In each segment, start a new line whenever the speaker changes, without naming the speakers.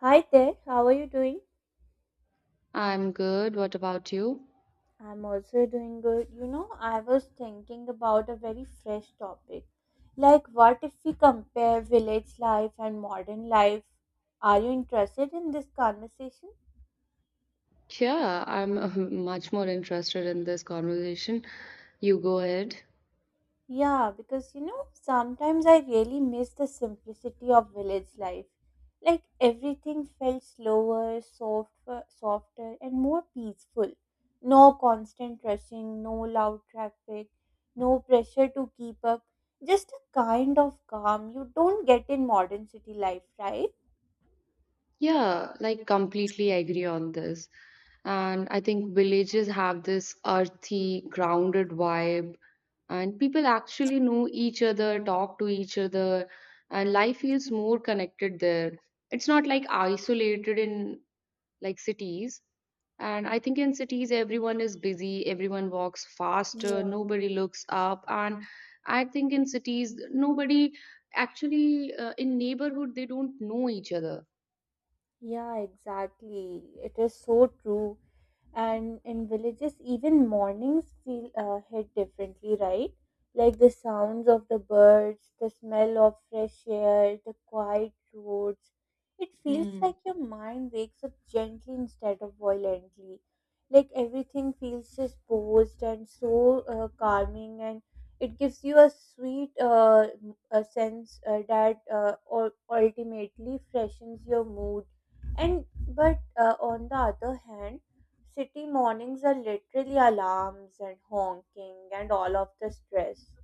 Hi there, how are you doing?
I'm good. What about you?
I'm also doing good. You know, I was thinking about a very fresh topic. Like, what if we compare village life and modern life? Are you interested in this conversation?
Yeah, I'm much more interested in this conversation. You go ahead.
Yeah, because you know, sometimes I really miss the simplicity of village life. Like everything felt slower, softer, softer, and more peaceful. No constant rushing, no loud traffic, no pressure to keep up. Just a kind of calm you don't get in modern city life, right?
Yeah, like completely agree on this. And I think villages have this earthy, grounded vibe, and people actually know each other, talk to each other, and life feels more connected there. It's not like isolated in like cities. And I think in cities, everyone is busy, everyone walks faster,
Yeah.
nobody looks up. And I think in cities, nobody actually in neighborhood, they don't know each other.
Yeah, exactly. It is so true. And in villages, even mornings feel hit differently, right? Like the sounds of the birds, the smell of fresh air, the quiet roads. It feels
Hmm.
like your mind wakes up gently instead of violently. Like everything feels just posed and so calming, and it gives you a sweet a sense that ultimately freshens your mood and but on the other hand, city mornings are literally alarms and honking and all of the stress.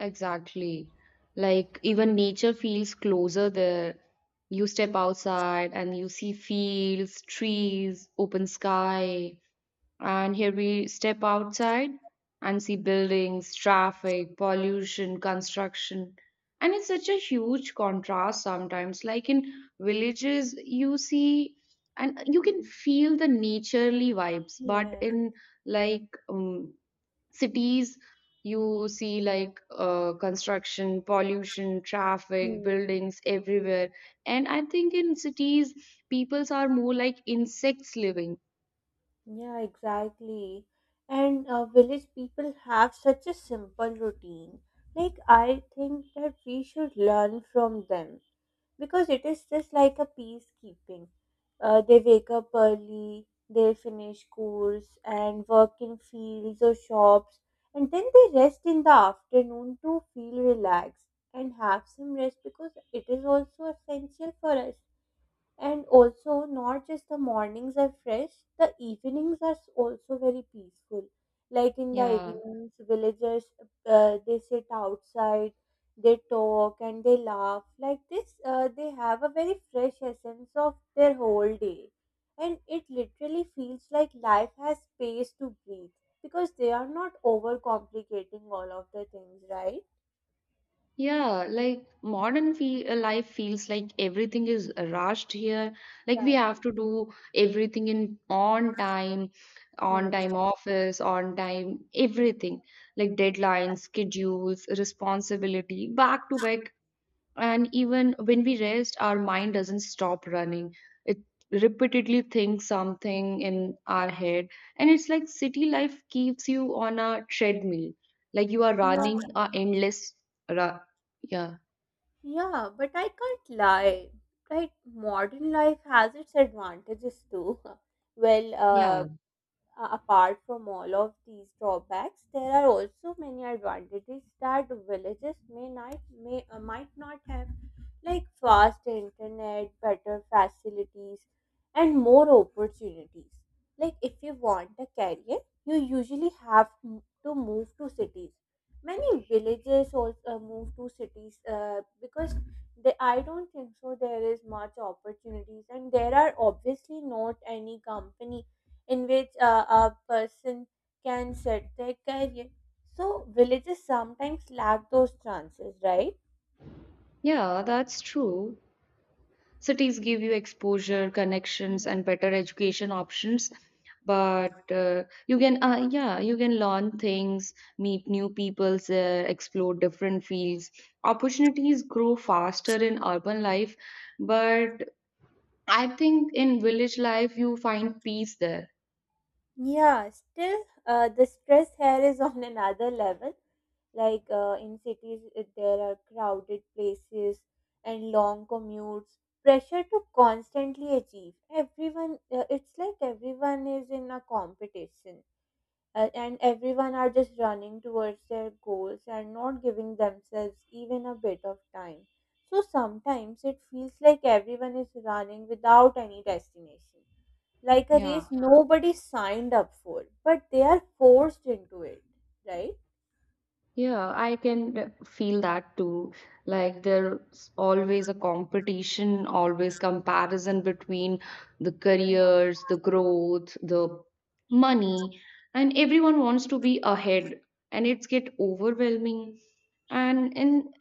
Exactly. Like even nature feels closer there. You step outside and you see fields, trees, open sky. And here we step outside and see buildings, traffic, pollution, construction. And it's such a huge contrast sometimes. Like in villages, you see and you can feel the naturely vibes, but
Yeah.
in like um, cities, you see like construction, pollution, traffic, buildings everywhere. And I think in cities, peoples are more like insects living.
Yeah, exactly. And village people have such a simple routine. Like, I think that we should learn from them because it is just like a peacekeeping. They wake up early, they finish chores and work in fields or shops, and then they rest in the afternoon to feel relaxed and have some rest because it is also essential for us. And also, not just the mornings are fresh, the evenings are s- also very peaceful. Like in the
Yeah.
evenings, villagers they sit outside, they talk and they laugh. Like this, they have a very fresh essence of their whole day, and it literally feels like life has space to breathe because they are not overcomplicating all of the things, right?
Yeah, like life feels like everything is rushed here. Like we
Right.
have to do everything in on
Hmm.
time office, on time everything. Like deadlines, schedules, responsibility, back to back, and even when we rest our mind doesn't stop running. It repeatedly thinks something in our head, and it's like city life keeps you on a treadmill. Like you are
Yeah.
running a endless ra- yeah.
Yeah, but I can't lie. Right, modern life has its advantages too. Well,
yeah
apart from all of these drawbacks, there are also many advantages that villages may not may might not have, like fast internet, better facilities, and more opportunities. Like if you want a career, you usually have to move to cities. Many villages also move to cities because they, I don't think so. There is much opportunities, and there are obviously not any company in which a person can set their career. So villages sometimes lack those chances, right?
yeah that's true. Cities give you exposure, connections,
Yeah.
and better education options. But you can learn things, meet new people there, explore different fields. Opportunities grow faster in urban life, but I think in village life you find peace there.
Yeah, still, the stress here is on another level. Like in cities, there are crowded places and long commutes, pressure to constantly achieve. It's like everyone is in a competition and everyone are just running towards their goals and not giving themselves even a bit of time. So sometimes it feels like everyone is running without any destination, like a
Yeah.
race nobody signed up for, but they are forced into it, right?
Yeah, I can feel that too. Like there's always a competition, always comparison between the
Mm.
careers, the growth, the money, and everyone wants to be ahead, and it's get overwhelming. And in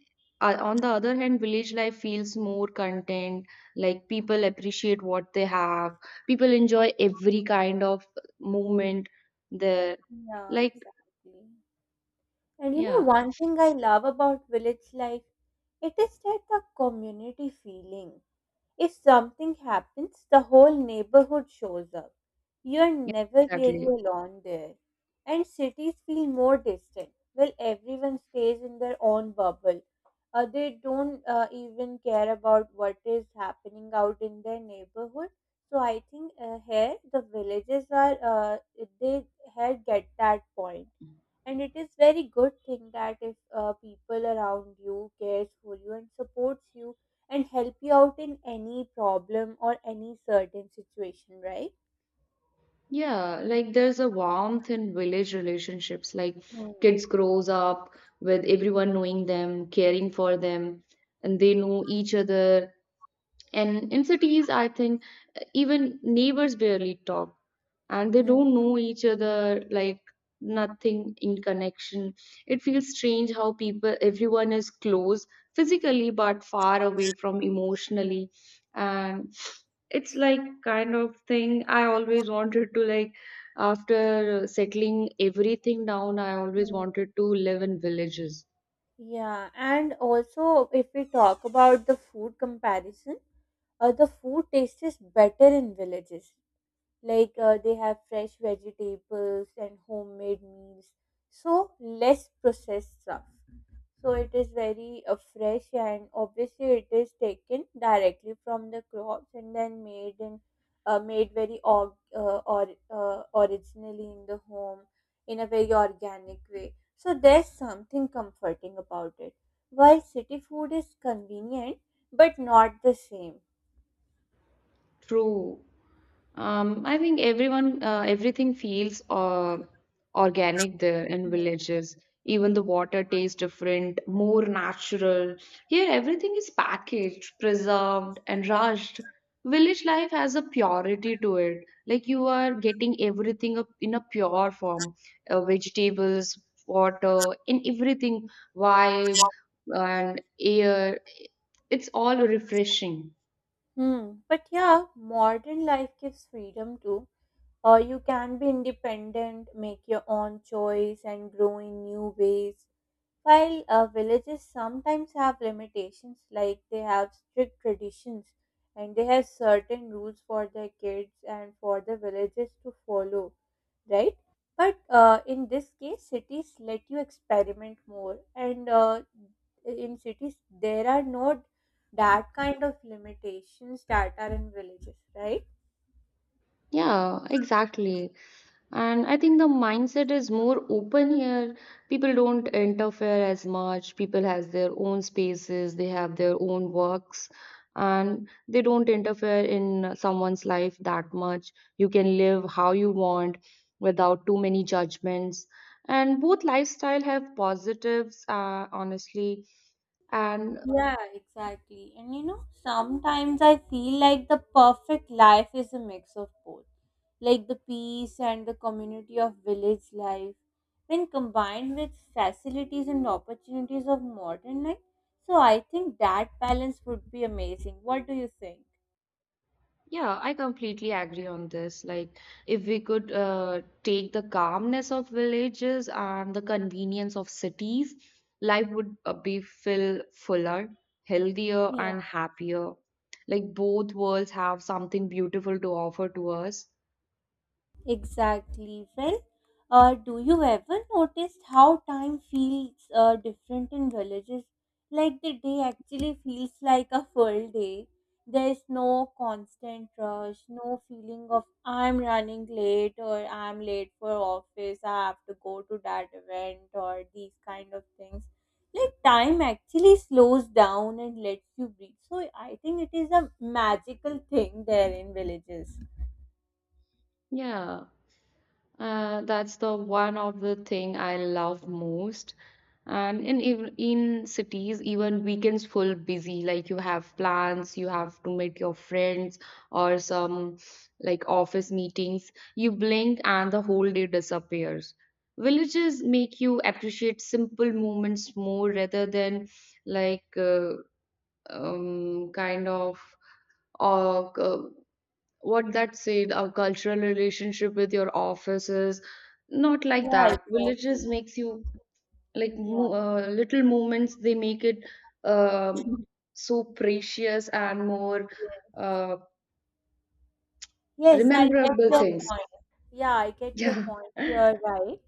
On the other hand, village life feels more content. Like people appreciate what they have. People enjoy every kind of movement there.
Yeah,
Like
exactly. And you know,
yeah,
one thing I love about village life it is that the community feeling. If something happens, the whole neighborhood shows up. You're
yeah,
never really
exactly.
alone there. And cities feel more distant. Well, everyone stays in their own bubble. They don't even care about what is happening out in their neighborhood. So I think here the villages are, they had get that point, and it is very good thing that if people around you cares for you and supports you and help you out in any problem or any certain situation, right?
Yeah, like there's a warmth in village relationships. Like
Hmm.
kids grows up with everyone knowing them, caring for them, and they know each other. And in cities, I think even neighbors barely talk and they
Hmm.
don't know each other, like nothing in connection. It feels strange how people, everyone is close physically but far away from emotionally. And it's like kind of thing I always wanted to, like after settling everything down I always
Hmm.
wanted to live in villages.
Yeah, and also if we talk about the food comparison, the food tastes better in villages. Like they have fresh vegetables and homemade meals, so less processed stuff. So it is very fresh, and obviously it is taken directly from the crops and then made in made very org- or originally in the home in a very organic way, so there's something comforting about it, while city food is convenient but not the same.
True. I think everything feels organic there in
Mm.
villages. Even the water tastes different, more natural. Here, everything is packaged, preserved, and rushed. Village life has a purity to it. Like you are getting everything up in a pure form, vegetables, water, and everything, vibe and air. It's all refreshing.
Hmm. But yeah, modern life gives freedom too. Or you can be independent, make your own choice, and grow in new ways. While villages sometimes have limitations, like they have strict traditions and they have certain rules for their kids and for the villages to follow, right? But in this case, cities let you experiment more, and in cities, there are no that kind of limitations that are in villages, right?
Yeah, exactly. And I think the mindset is more open here. People don't interfere as much. People has their own spaces, they have their own works, and they don't interfere in someone's life that much. You can live how you want without too many judgments. And both lifestyle have positives, honestly. And
Yeah, exactly. And you know, sometimes I feel like the perfect life is a mix of both, like the peace and the community of village life, when combined with facilities and opportunities of modern life. So I think that balance would be amazing. What do you think?
yeah, I completely agree on this. Like, if we could take the calmness of villages and the convenience of cities, life would be feel fuller, healthier,
Yeah.
and happier. Like, both worlds have something beautiful to offer to us.
Exactly. Well, do you ever notice how time feels different in villages? Like the day actually feels like a full day. There's no constant rush, no feeling of I'm running late or I'm late for office, I have to go to that event or these kind of things. Like time actually slows down and lets you breathe. So I think it is a magical thing there in villages.
Yeah. That's the one of the thing I love most. And in cities, even weekends full busy. Like you have plans, you have to meet your friends or some like office meetings. You blink and the whole day disappears. Villages make you appreciate simple moments more rather than like kind of or what that said, our cultural relationship with your offices, not like
Yeah,
that.
exactly.
Villages makes you like
Yeah,
mo- uh, little moments. They make it um, so precious and more
yes.
uh,
Yes, I get
rememberable
your
things.
point. Yeah, I get your
Yeah.
point. You're right.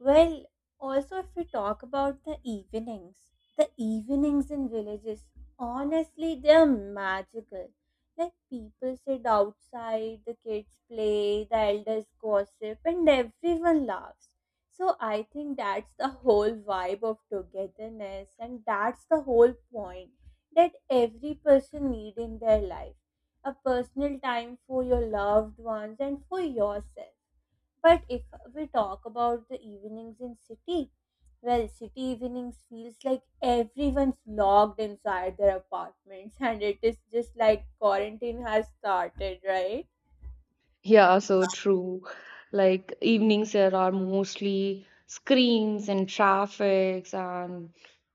Well, also, if we talk about the evenings in villages, honestly, they're magical. Like, people sit outside, the kids play, the elders gossip, and everyone laughs. So, I think that's the whole vibe of togetherness, and that's the whole point that every person need in their life, a personal time for your loved ones and for yourself. But if we talk about the evenings in city, well, city evenings feels like everyone's locked inside their apartments and it is just like quarantine has started, right?
Yeah, so true. Like evenings, there are mostly screams and traffics and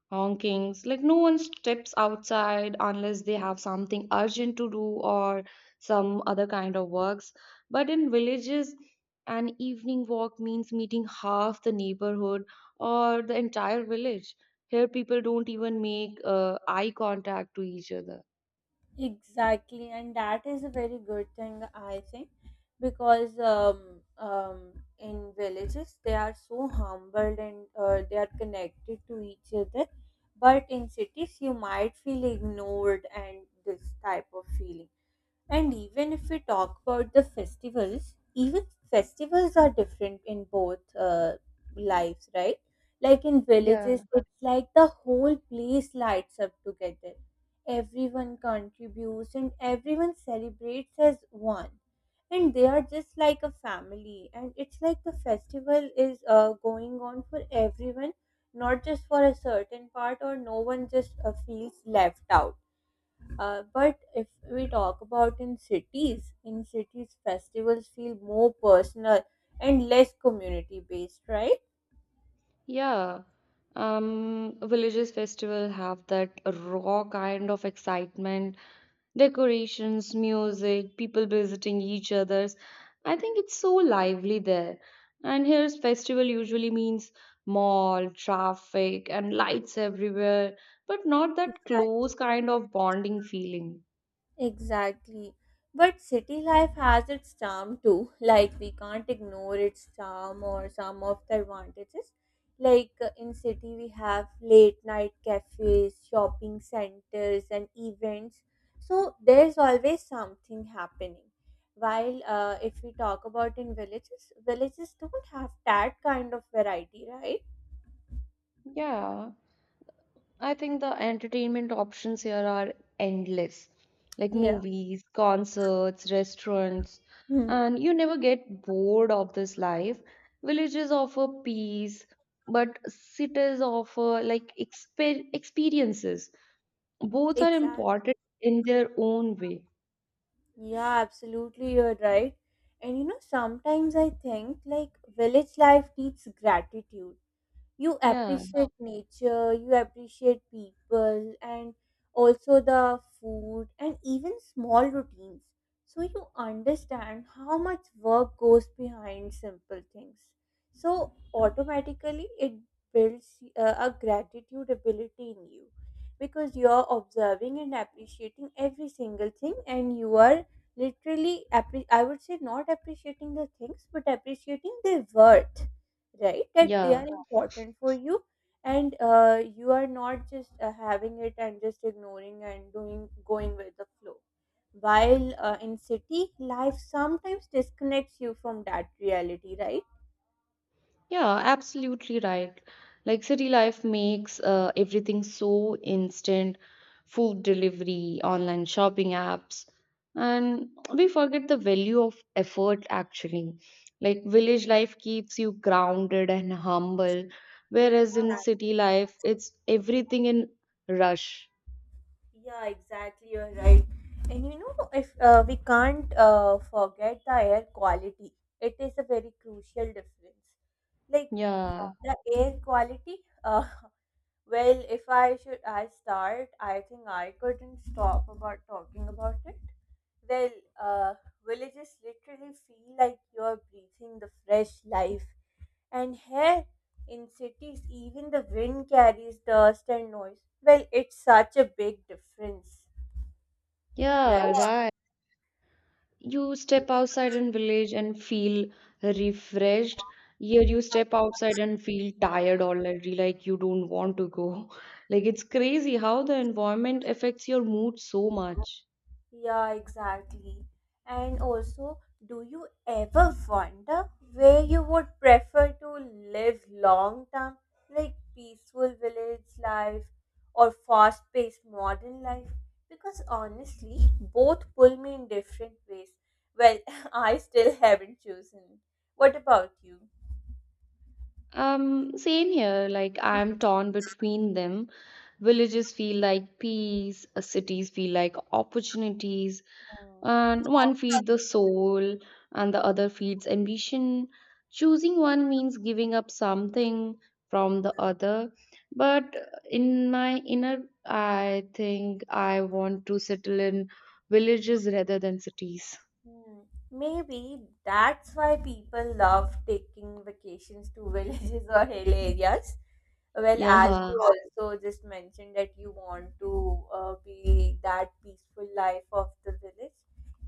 honkings. Like no one steps outside unless they have something urgent to do or some other kind of works. But in villages, an evening walk means meeting half the neighborhood or the entire village. Here, people don't even make eye contact to each other.
Exactly, and that is a very good thing, I think, because in villages they are so humbled and they are connected to each other. But in cities, you might feel ignored and this type of feeling. And even if we talk about the festivals, even festivals are different in both lives, right? Like in
Yeah.
villages, it's like the whole place lights up together. Everyone contributes and everyone celebrates as one. And they are just like a family. And it's like the festival is going on for everyone, not just for a certain part, or no one just feels left out. But if we talk about in cities, festivals feel more personal and less community based, right?
Yeah, villages festival have that raw kind of excitement, decorations, music, people visiting each other's. I think it's so lively there. And here's festival usually means mall, traffic, and lights everywhere, but not that
Exactly.
close kind of bonding feeling.
Exactly. But city life has its charm too. Like we can't ignore its charm or some of the advantages. Like in city we have late night cafes, shopping centers and events. So there's always something happening. While if we talk about in villages, villages don't have that kind of variety, right?
Yeah. I think the entertainment options here are endless, like
Yeah.
movies, concerts, restaurants,
Hmm.
and you never get bored of this life. Villages offer peace, but cities offer like experiences. Both are
Exactly.
important in their own way.
Yeah, absolutely, you're right. And you know, sometimes I think like village life needs gratitude. You
Yeah,
appreciate nature, you appreciate people, and also the food and even small routines, so you understand how much work goes behind simple things, so automatically it builds a gratitude ability in you, because you're observing and appreciating every single thing, and you are I would say, not appreciating the things but appreciating their worth, right, that they are
yeah.
important for you. And you are not just having it and just ignoring and doing going with the flow, while in city life sometimes disconnects you from that reality, right?
Yeah, absolutely right. Like city life makes everything so instant, food delivery, online shopping apps, and we forget the value of effort actually. Like village life keeps you grounded and humble, whereas in
Exactly.
city life, it's everything in rush.
Yeah, exactly. You're right. And you know, if we can't forget the air quality, it is a very crucial difference. Like
Yeah,
the air quality. Uh, Well, if I should I start, I think I couldn't stop about talking about it. Well, uh, villages literally feel like you're breathing the fresh life, and here in cities, even the wind carries dust and noise. Well, it's such a big difference,
yeah,
right?
right. You step outside in village and feel refreshed. Here you step outside and feel tired already, like you don't want to go. Like it's crazy how the environment affects your mood so much.
Yeah, exactly. And also, do you ever wonder where you would prefer to live long term, like peaceful village life or fast paced modern life? Because honestly, both pull me in different ways. Well, I still haven't chosen. What about you?
Same here. Like I'm torn between them. Villages feel like peace, cities feel like opportunities,
Hmm.
and one feeds the soul and the other feeds ambition. Choosing one means giving up something from the other. But in my inner, I think I want to settle in villages rather than cities.
Hmm, maybe that's why people love taking vacations to villages or hill areas. Well, as
Yeah.
you also just mentioned that you want to be that peaceful life of the village.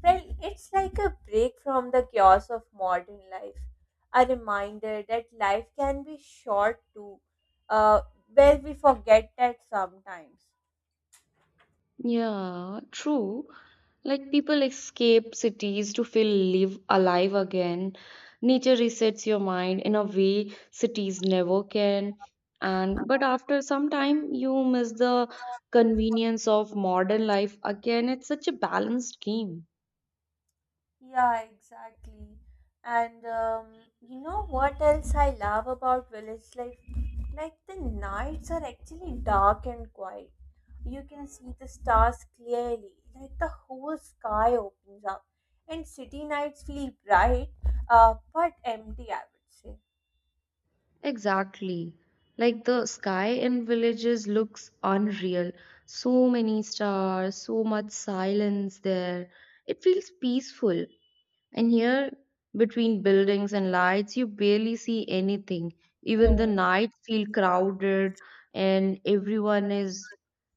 Well, it's like a break from the chaos of modern life, a reminder that life can be short too. Uh, well, we forget that sometimes.
Yeah, true. Like people escape cities to feel live alive again. Nature resets your mind in a way cities never can. And but after some time you miss the convenience of modern life again. It's such a balanced game.
Yeah, exactly. And you know what else I love about village life? Like the nights are actually dark and quiet. You can see the stars clearly, like the whole sky opens up. And city nights feel bright, but empty, I would say.
Exactly. Like the sky in villages looks unreal. So many stars, so much silence there. It feels peaceful. And here, between buildings and lights, you barely see anything. Even the
Hmm.
night feel crowded, and everyone is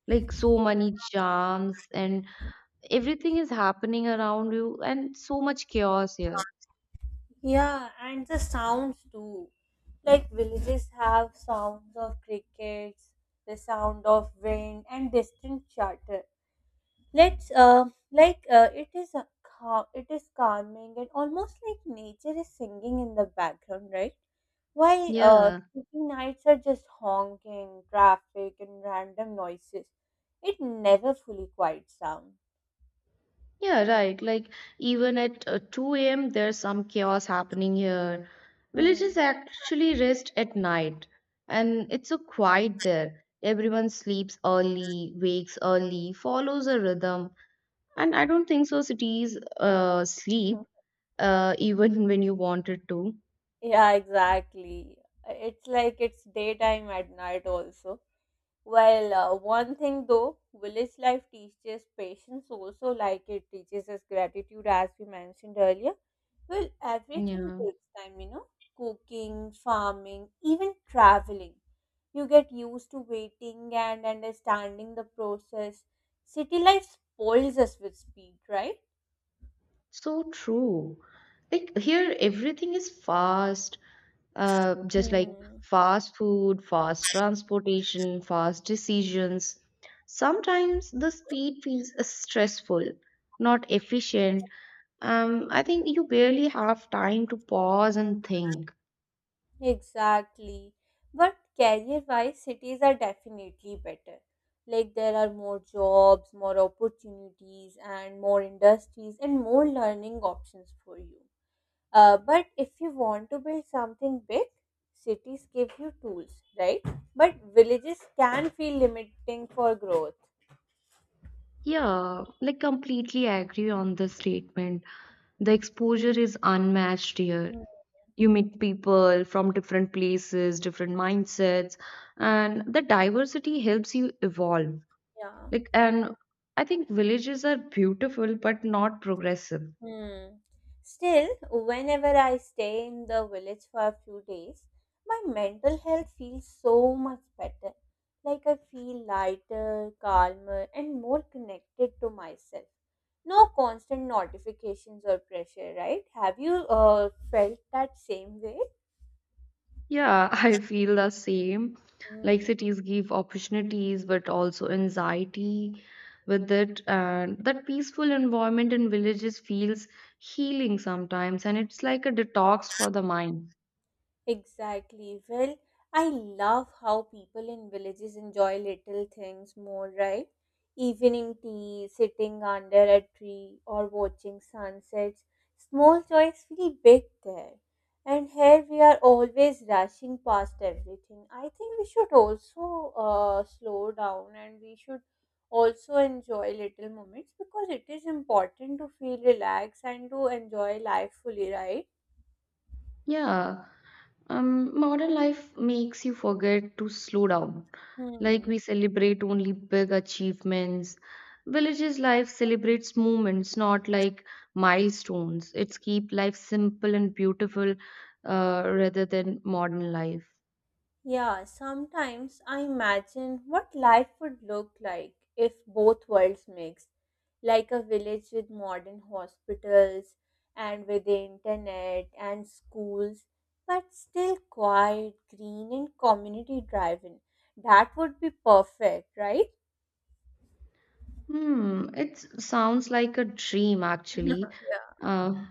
like so many charms, and everything is happening around you, and so much chaos here.
Yeah, and the sounds too. Like villages have sounds of crickets, the sound of wind, and distant chatter. Let's it is a it is calming and almost like nature is singing in the background, right? While
Yeah,
city nights are just honking, traffic, and random noises. It never fully quiets down.
yeah, right. Like even at 2 a.m., there's some chaos happening here.
Hmm.
Villages actually rest at night, and it's so quiet there. Everyone sleeps early, wakes early, follows a rhythm. And I don't think so cities sleep even when you wanted to.
Yeah, exactly. It's like it's daytime at night also. Well, one thing though, village life teaches patience also, like it teaches us gratitude, as we mentioned earlier. Well, everything
Yeah,
takes time, cooking, farming, even traveling. You get used to waiting and understanding the process. City life spoils us with speed, right?
so true. Like here, everything is fast, just like
Hmm.
fast food, fast transportation, fast decisions. Sometimes the speed feels stressful, not efficient. I think you barely have time to pause and think.
Exactly. But career wise, cities are definitely better. Like there are more jobs, more opportunities, and more industries, and more learning options for you. But if you want to build something big, cities give you tools, right? But villages can feel limiting for growth.
Yeah, like completely agree on the statement. The exposure is unmatched here.
Hmm.
You meet people from different places, different mindsets, and the diversity helps you evolve.
Yeah.
Like, and I think villages are beautiful but not progressive.
Hmm. Still, whenever I stay in the village for a few days, my mental health feels so much better. Like I feel lighter, calmer, and more connected to myself. No constant notifications or pressure, right? Have you felt that same way?
Yeah, I feel the same. Like
Hmm.
cities give opportunities, but also anxiety with it. And that peaceful environment in villages feels healing sometimes, and it's like a detox for the mind.
Exactly. Well, I love how people in villages enjoy little things more, right? Evening tea, sitting under a tree, or watching sunsets. Small joys feel big there. And here we are always rushing past everything. I think we should also slow down and we should also enjoy little moments because it is important to feel relaxed and to enjoy life fully, right?
Yeah. Modern life makes you forget to slow down. Like
Hmm.
we celebrate only big achievements. Villages' life celebrates moments, not like milestones. It's keep life simple and beautiful, rather than modern life.
Yeah, sometimes I imagine what life would look like if both worlds mixed, like a village with modern hospitals and with the internet and schools, but still quiet, green, and community driven. That would be perfect, right?
Hmm, it sounds like a dream
Yeah.
actually. Uh,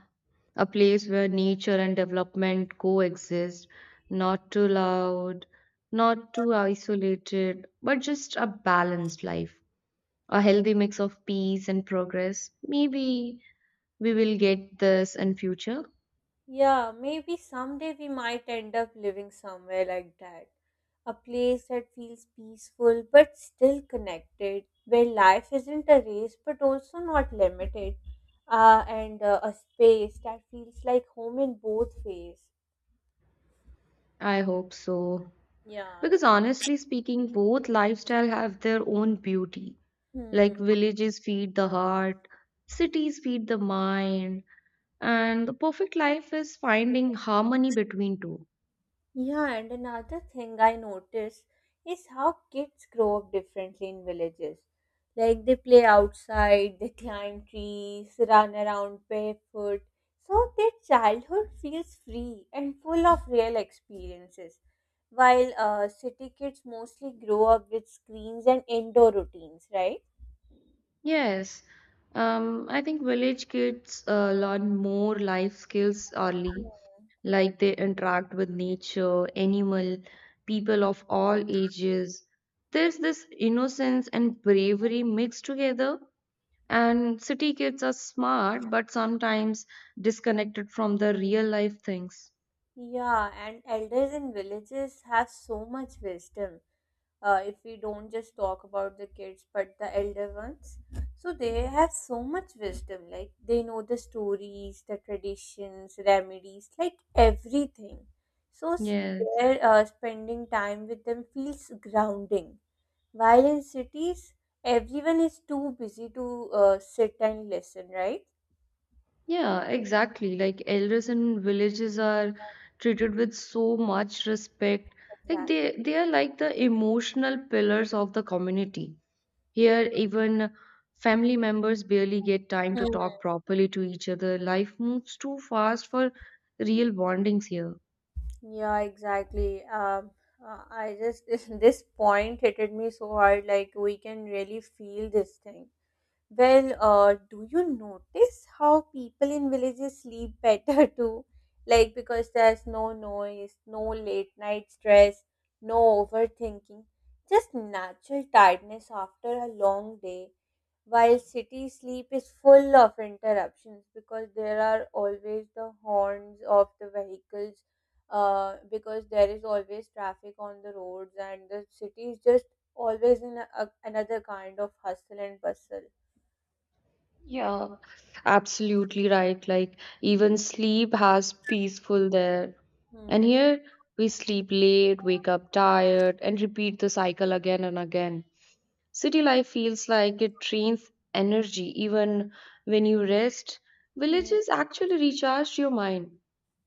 a place where nature and development coexist, not too loud, not too isolated, but just a balanced life, a healthy mix of peace and progress. Maybe we will get this in future.
Yeah, maybe someday we might end up living somewhere like that. A place that feels peaceful but still connected, where life isn't a race but also not limited, and a space that feels like home in both ways.
I hope so. Because
Yes.
honestly speaking, both lifestyle have their own beauty. Like
Hmm.
villages feed the heart, cities feed the mind. And the perfect life is finding harmony between two.
Yeah, and another thing I notice is how kids grow up differently in villages. Like they play outside, they climb trees, run around barefoot. So their childhood feels free and full of real experiences. While city kids mostly grow up with screens and indoor routines, right?
Yes, I think village kids learn more life skills
Yeah.
early, like they interact with nature, animal, people of all ages. There's this innocence and bravery mixed together, and city kids are smart but sometimes disconnected from the real life things.
Yeah, and elders in villages have so much wisdom. If we don't just talk about the kids, but the elder ones, so they have so much wisdom. Like they know the stories, the traditions, remedies, like everything. So s-
Yes.
their spending time with them feels grounding. While in cities, everyone is too busy to sit and listen, right?
Yeah, exactly. Like elders in villages are treated with so much respect. Like
Exactly.
they are like the emotional pillars of the community. Here, even family members barely get time to
Hmm.
talk properly to each other. Life moves too fast for real bondings here.
Yeah, exactly. I just this point hit me so hard. Like we can really feel this thing. Well, do you notice how people in villages sleep better too? Like because there's no noise, no late night stress, no overthinking, just natural tiredness after a long day. While city sleep is full of interruptions because there are always the horns of the vehicles because there is always traffic on the roads and the city is just always in another kind of hustle and bustle.
Yeah, absolutely right. Like even sleep has peaceful there. And
Hmm.
here we sleep late, wake up tired, and repeat the cycle again and again. City life feels like it drains energy even when you rest.
Hmm.
Villages actually recharge your mind.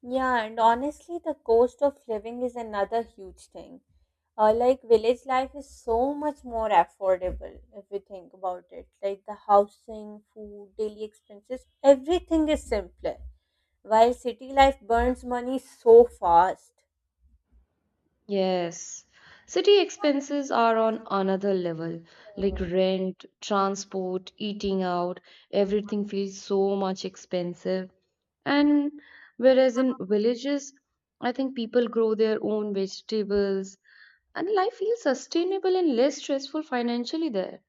Yeah, and honestly, the cost of living is another huge thing. Like village life is so much more affordable if we think about it. Like the housing, food, daily expenses, everything is simpler. While city life burns money so fast.
Yes. City expenses are on another level,
Hmm.
like rent, transport, eating out, everything feels so much expensive. And whereas in villages, I think people grow their own vegetables and life feels sustainable and less stressful financially there.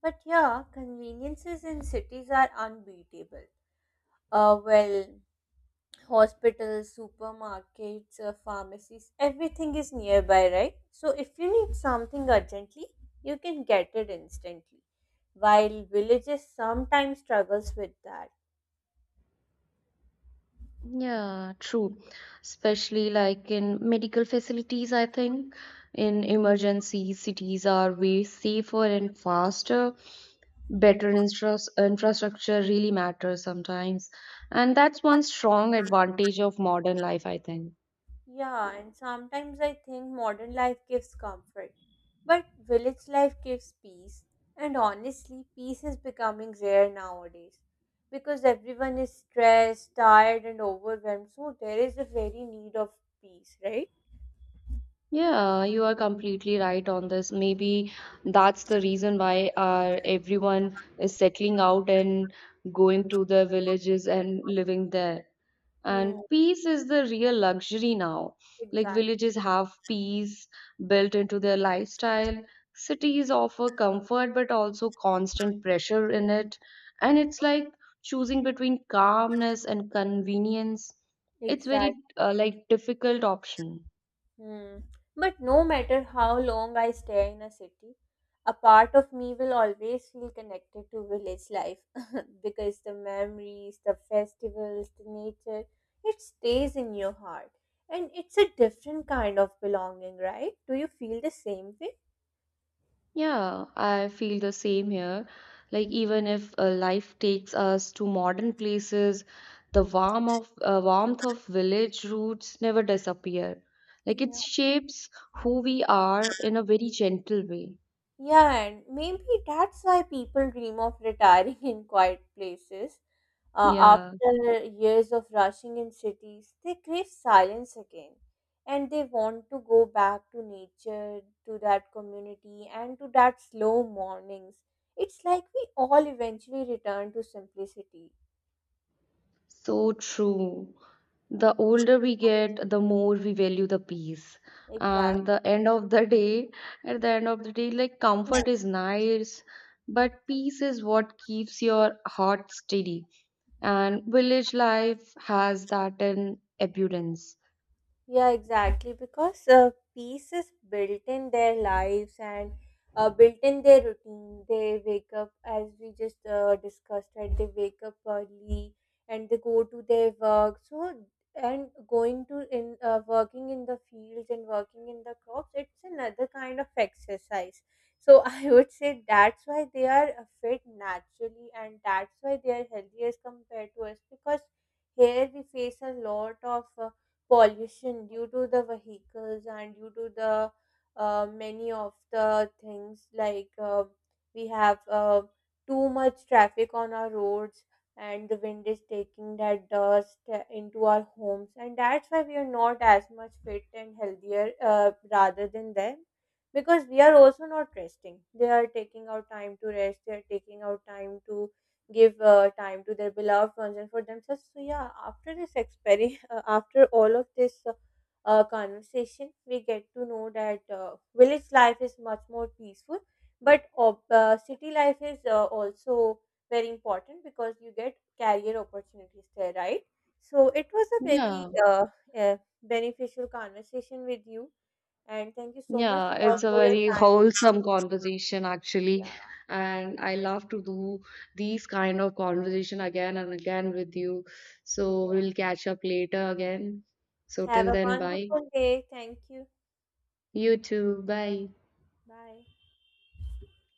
But yeah, conveniences in cities are unbeatable. Uh, well, Hospitals, supermarkets, pharmacies, everything is nearby, right? So if you need something urgently, you can get it instantly. While villages sometimes struggles with that.
Yeah, true. Especially like in medical facilities, I think. In emergency, cities are way safer and faster. Better infrastructure really matters sometimes. And that's one strong advantage of modern life, I think.
Yeah, and sometimes I think modern life gives comfort, but village life gives peace. And honestly, peace is becoming rare nowadays because everyone is stressed, tired, and overwhelmed. So there is a very need of peace, right?
Yeah, you are completely right on this. Maybe that's the reason why everyone is settling out and going to their villages and living there.
Hmm,
And peace is the real luxury now, like
exactly.
villages have peace built into their lifestyle. Cities offer comfort but also constant pressure in it, and it's like choosing between calmness and convenience. it's very
Exactly.
uh, like difficult option.
Hmm. But no matter how long I stay in a city, a part of me will always feel connected to village life because the memories, the festivals, the nature, it stays in your heart. And it's a different kind of belonging, right? Do you feel the same
Yeah, I feel the same here. Like, even if life takes us to modern places, the warmth of village roots never disappear. Like,
way?
it shapes who we are in a very gentle way.
Yeah, and maybe that's why people dream of retiring in quiet places.
Yeah,
After years of rushing in cities, they crave silence again and they want to go back to nature, to that community, and to that slow mornings. It's like we all eventually return to simplicity.
so true. The older we get, the more we value the peace.
Exactly.
And the end of the day, At the end of the day, like, comfort is nice, but peace is what keeps your heart steady. And village life has that in abundance.
Yeah, exactly. Because peace is built in their lives and built in their routine. They wake up, as we just discussed, right? They wake up early and they go to their work. So, and going to in working in the fields and working in the crops, it's another kind of exercise. So I would say that's why they are fit naturally, and that's why they are healthy as compared to us because here we face a lot of pollution due to the vehicles and due to the many of the things, like we have too much traffic on our roads and the wind is taking that dust into our homes, and that's why we are not as much fit and healthier rather than them, because we are also not resting. They are taking out time to rest, they are taking out time to give time to their beloved ones and for themselves. So yeah, after this experiment, after all of this conversation, we get to know that village life is much more peaceful, but city life is also very important because you get career opportunities there, right? So it was a very
Yeah,
uh, beneficial conversation with you, and thank you so much
yeah, it's a
for your
very
time.
wholesome conversation
Yeah,
actually, and I love to do these kind of conversation again and again with you. So
yeah.
we'll catch up later again. So
Have
till
a
then, bye.
wonderful day. Thank you.
You too, bye.
Bye.